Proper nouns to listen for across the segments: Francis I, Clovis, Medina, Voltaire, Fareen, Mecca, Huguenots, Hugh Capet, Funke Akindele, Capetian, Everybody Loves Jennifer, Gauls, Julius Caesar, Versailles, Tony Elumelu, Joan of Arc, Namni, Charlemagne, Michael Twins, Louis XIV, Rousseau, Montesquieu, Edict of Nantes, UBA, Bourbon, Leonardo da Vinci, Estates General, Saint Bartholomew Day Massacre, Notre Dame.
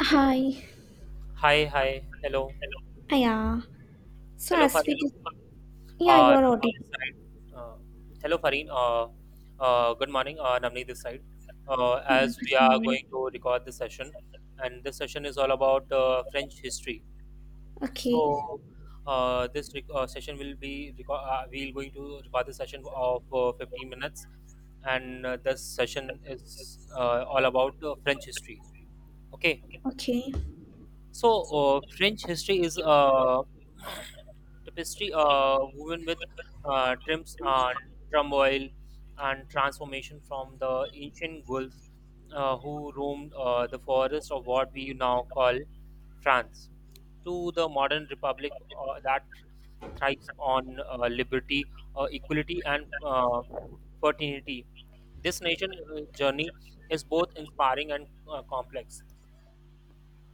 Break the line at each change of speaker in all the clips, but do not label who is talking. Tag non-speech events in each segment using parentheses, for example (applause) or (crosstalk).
Hi.
Hi, hi, hello,
Yeah. So
hello,
as we
Fareen.
dis- yeah, you are
Namni this
audible.
side. Uh, hello, Fareen. Good morning, Namni this side.
Yeah,
As we
good
are
morning.
going to record this session, and this session is all about French history.
Okay.
So, session will be reco- we'll going to record this session of 15 minutes, and this session is all about French history. Okay.
Okay.
So, French history is tapestry woven with trims and turmoil and transformation from the ancient Gulls who roamed the forest of what we now call France to the modern republic that thrives on liberty, equality, and fertility. This nation journey is both inspiring and complex.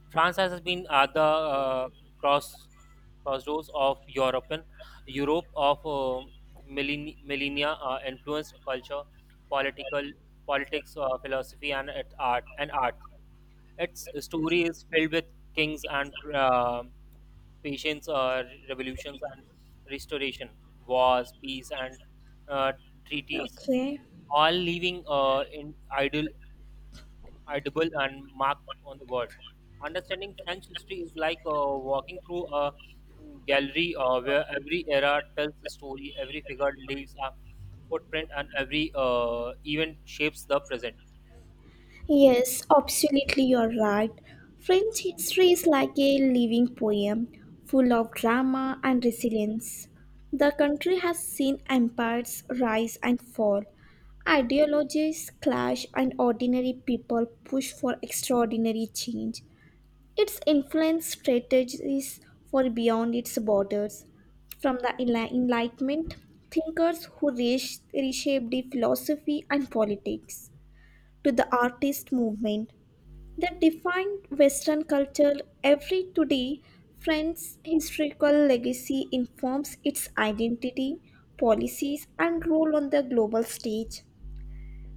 France has been at the cross crossroads of Europe of millennia, influenced culture, political politics, philosophy, and art and art. Its story is filled with kings and patience, revolutions and restoration, wars, peace, and uh, treaties,
Okay.
all leaving in idol audible and marked on the word. Understanding French history is like walking through a gallery where every era tells a story, every figure leaves a footprint, and every event shapes the present.
Yes, absolutely you're right. French history is like a living poem, full of drama and resilience. The country has seen empires rise and fall, ideologies clash, and ordinary people push for extraordinary change. It's influenced strategies for beyond its borders, from the Enlightenment thinkers who reshaped the philosophy and politics, to the artist movement that defined Western culture every today. France's historical legacy informs its identity, policies, and role on the global stage.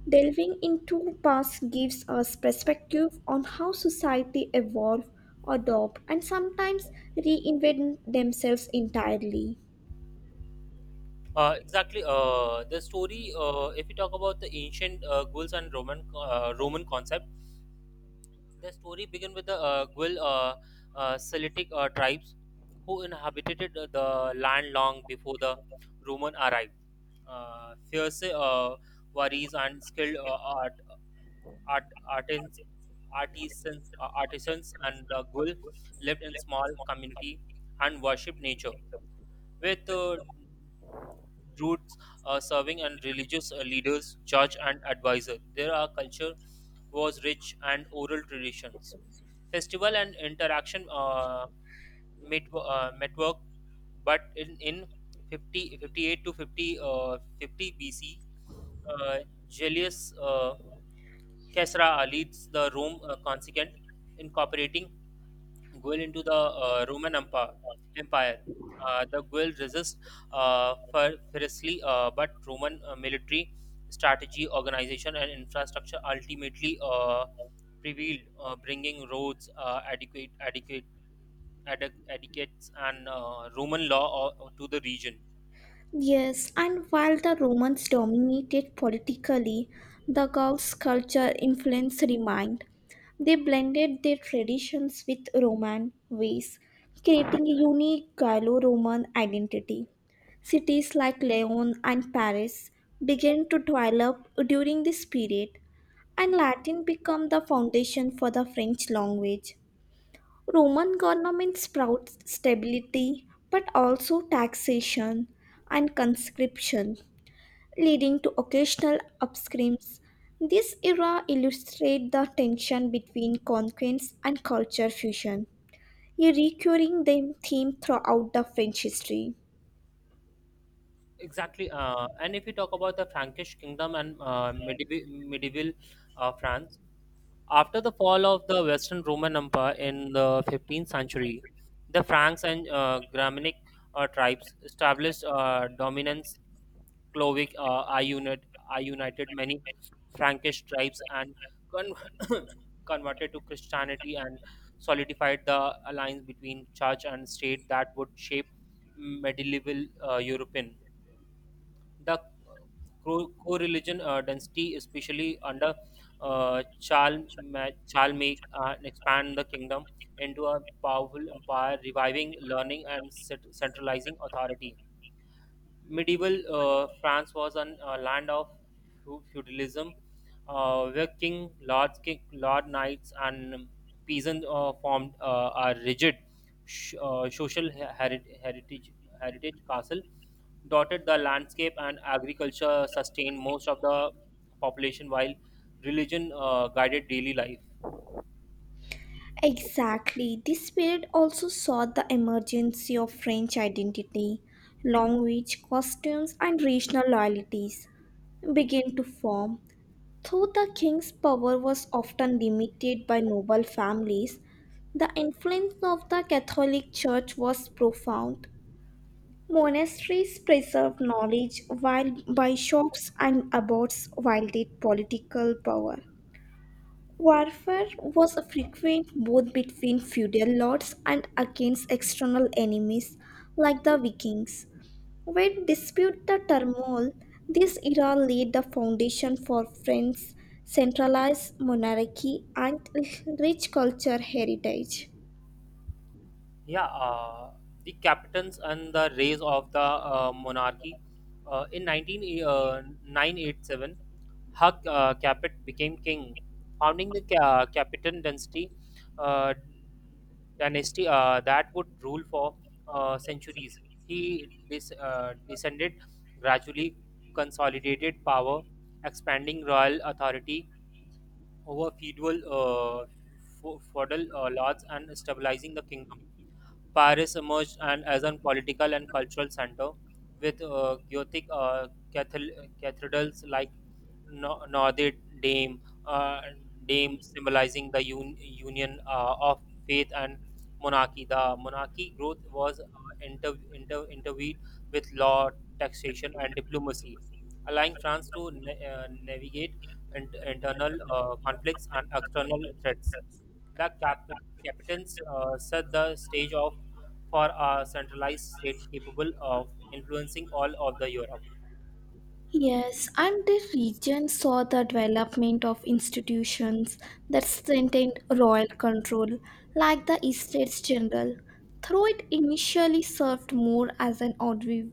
Delving into past gives us perspective on how society evolve, adopt, and sometimes reinvent themselves entirely.
Exactly. The story. If we talk about the ancient Gauls and Roman concept. The story begins with the Guil Salitic tribes who inhabited the land long before the Roman arrived. Fierce warriors and skilled art, artisans, artisans and the Guil lived in small community and worshipped nature with roots serving and religious leaders, judge and advisor. There, culture was rich and oral traditions. Festival and interaction met, network, but in 50, 58 to 50, 50 BC, uh, Julius Caesar leads the Rome Consequent, incorporating Guel into the Roman Empire. The Guel resist fiercely, but Roman military strategy, organization, and infrastructure ultimately prevailed, bringing roads, adequates, and Roman law to the region.
Yes, and while the Romans dominated politically, the Gauls' culture influence remained. They blended their traditions with Roman ways, creating a unique Gallo Roman identity. Cities like Lyon and Paris began to develop during this period, and Latin became the foundation for the French language. Roman government sprouts stability but also taxation and conscription, leading to occasional upscreams. This era illustrates the tension between conquest and culture fusion, a recurring theme throughout the French history.
Exactly. And if we talk about the Frankish kingdom and medieval, medieval France. After the fall of the Western Roman Empire in the 15th century, the Franks and Germanic tribes established dominance. Clovic I united many Frankish tribes and con- (coughs) converted to Christianity and solidified the alliance between church and state that would shape medieval European. The co-religion density, especially under Charlemagne and expand the kingdom into a powerful empire, reviving learning and centralizing authority. Medieval France was an land of feudalism, where lord knights, and peasants formed a rigid social heritage castle dotted the landscape, and agriculture sustained most of the population while religion guided daily life.
Exactly. This period also saw the emergence of French identity, language, costumes, and regional loyalties began to form. Though the king's power was often limited by noble families, the influence of the Catholic Church was profound. Monasteries preserved knowledge while bishops and abbots wielded political power. Warfare was frequent both between feudal lords and against external enemies like the Vikings. Where dispute the turmoil, this era laid the foundation for France's centralized monarchy and rich culture heritage.
Yeah, the captains and the rise of the monarchy. In 19987, Hak Capet became king, founding the Capetan uh, dynasty that would rule for centuries. He descended gradually, consolidated power, expanding royal authority over feudal lords and stabilizing the kingdom. Paris emerged and as a political and cultural center with Gothic cathedrals like Notre Dame, uh, Dame, symbolizing the union of faith and monarchy. The monarchy growth was intervened with law, taxation, and diplomacy, allowing France to navigate internal conflicts and external threats. The captains set the stage off for a centralized state capable of influencing all of the Europe.
Yes, and the region saw the development of institutions that strengthened royal control, like the Estates General. Though it initially served more as an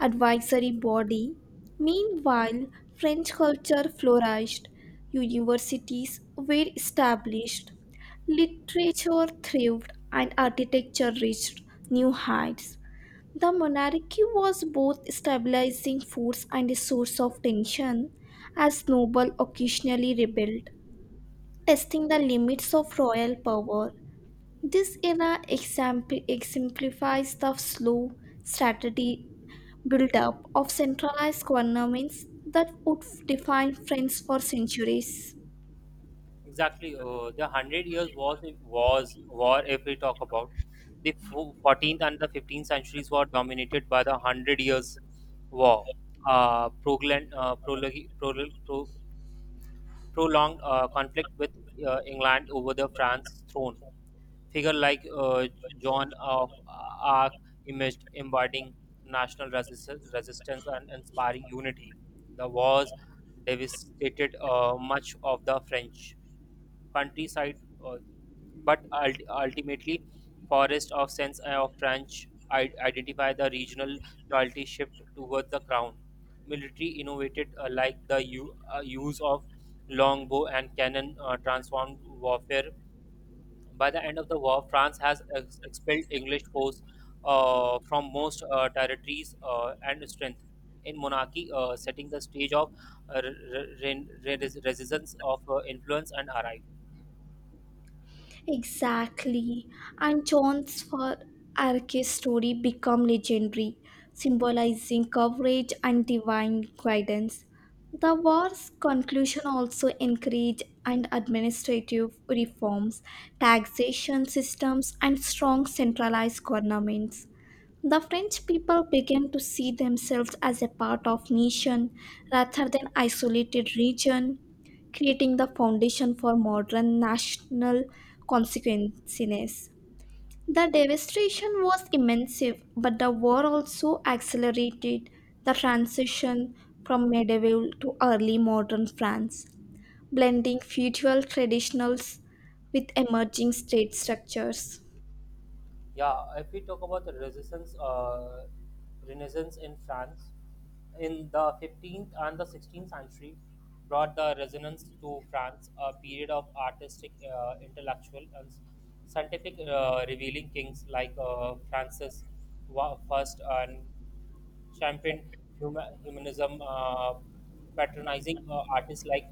advisory body, meanwhile, French culture flourished, universities were established, literature thrived, and architecture reached new heights. The monarchy was both stabilizing force and a source of tension, as nobles occasionally rebelled, testing the limits of royal power. This era exemplifies the slow, strategy build-up of centralized governments that would define France for centuries.
Exactly, the Hundred Years War. If we talk about the 14th and the 15th centuries were dominated by the Hundred Years War, uh, proglan- uh, prologi- prol- pro- prolonged conflict with England over the France throne. Figure like John of Arc imaged embodying national resistance and inspiring unity. The wars devastated much of the French countryside, uh, but ultimately, forest of sense of French identify the regional loyalty shift toward the crown. Military innovated like the use of longbow and cannon transformed warfare. By the end of the war, France has expelled English force from most territories and strength. In monarchy, setting the stage of resistance of influence and arrival.
Exactly. And John's for Arke's story become legendary, symbolizing courage and divine guidance. The war's conclusion also encouraged and administrative reforms, taxation systems, and strong centralized governments. The French people began to see themselves as a part of nation rather than isolated region creating the foundation for modern national consequences. The devastation was immense, but the war also accelerated the transition from medieval to early modern France, blending feudal traditionals with emerging state structures.
Yeah, if we talk about the resistance, Renaissance in France, in the 15th and the 16th century, brought the resonance to France, a period of artistic, intellectual, and scientific revealing kings like Francis I and championed humanism, patronizing artists like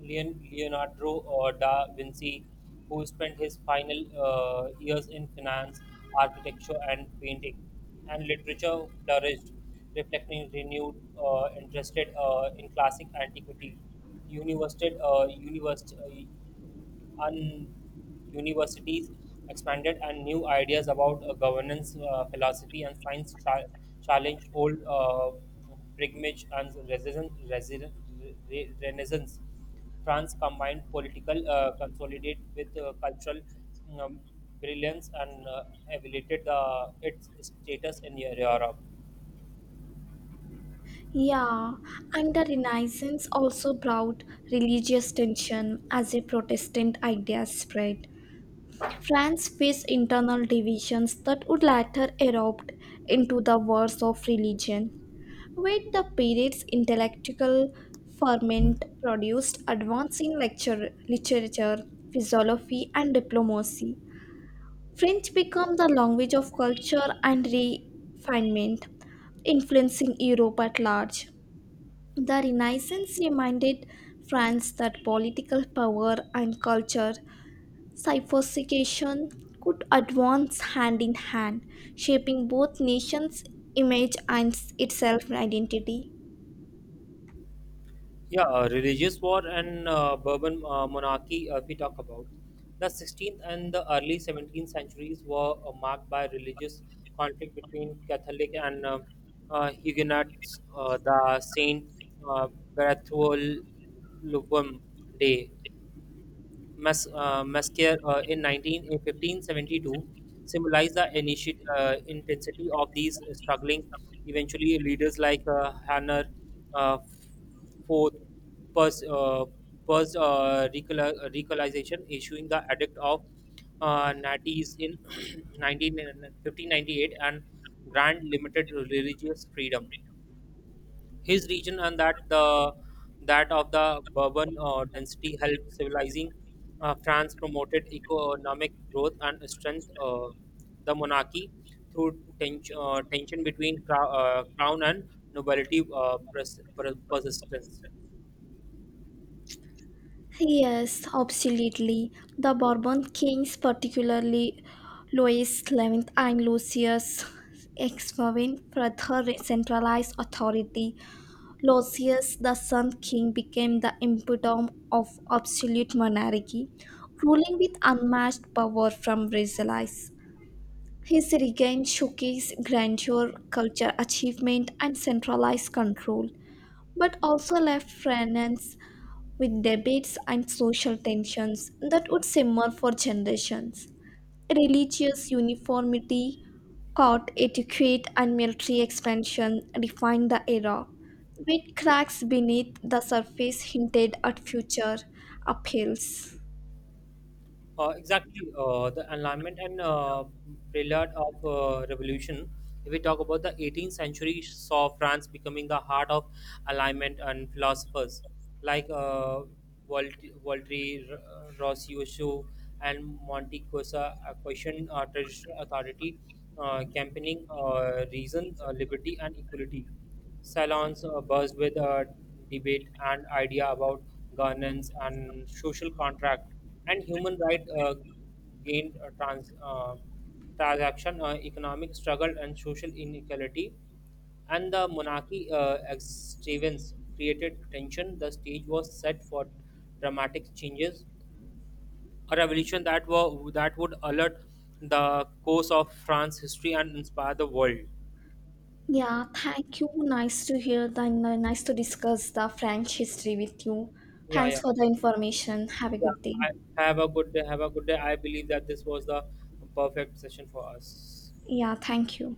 Leonardo da Vinci, who spent his final years in finance, architecture, and painting. And literature flourished, reflecting renewed interest in classic antiquity. University, university, and Universities expanded and new ideas about governance, philosophy, and science challenged old pilgrimage and renaissance. France combined political consolidate with cultural um, brilliance and elevated its status in Europe.
Yeah, and the Renaissance also brought religious tension as a Protestant idea spread, France faced internal divisions that would later erupt into the wars of religion, where the period's intellectual ferment produced advancing lecture, literature, philosophy, and diplomacy. French became the language of culture and refinement, influencing Europe at large. The Renaissance reminded France that political power and culture Cyphersication could advance hand in hand, shaping both nations' image and its self identity.
Yeah, religious war and Bourbon monarchy, if we talk about. The 16th and the early 17th centuries were marked by religious conflict between Catholic and Huguenots. The Saint uh, Bartholomew Day Mascare in 19, in 1572 symbolized the intensity of these struggling. Eventually, leaders like Hanner uh, Fourth purged, uh, purged recolonization, issuing the Edict of Nantes in (clears throat) 19, 1598 and grant limited religious freedom his region, and that of the Bourbon dynasty helped civilizing France, promoted economic growth and strength the monarchy through tension between crown and nobility persistence.
Yes, absolutely. The Bourbon kings, particularly Louis XI and Lucius Exmovin, further centralized authority. Lucius, the Sun King, became the epitome of absolute monarchy, ruling with unmatched power from Versailles. His regain showcased grandeur, culture achievement, and centralized control, but also left France with debates and social tensions that would simmer for generations. Religious uniformity, court etiquette, and military expansion defined the era, with cracks beneath the surface hinted at future upheavals.
Exactly, the enlightenment and prelude of revolution. If we talk about the 18th century, saw France becoming the heart of alignment and philosophers like Voltaire, Rossio, and Montecusa questioned traditional authority, campaigning reason, liberty, and equality. Salons are buzzed with a debate and idea about governance and social contract and human right gained transaction, economic struggle, and social inequality. And the monarchy extravagance created tension. The stage was set for dramatic changes, a revolution that would alert the course of France's history and inspire the world.
Yeah, thank you. Nice to hear the nice to discuss the French history with you.
Yeah, yeah.
Thanks for the information. Have a
Yeah,
good day.
I have a good day. Have a good day. I believe that this was the perfect session for us.
Yeah, thank you.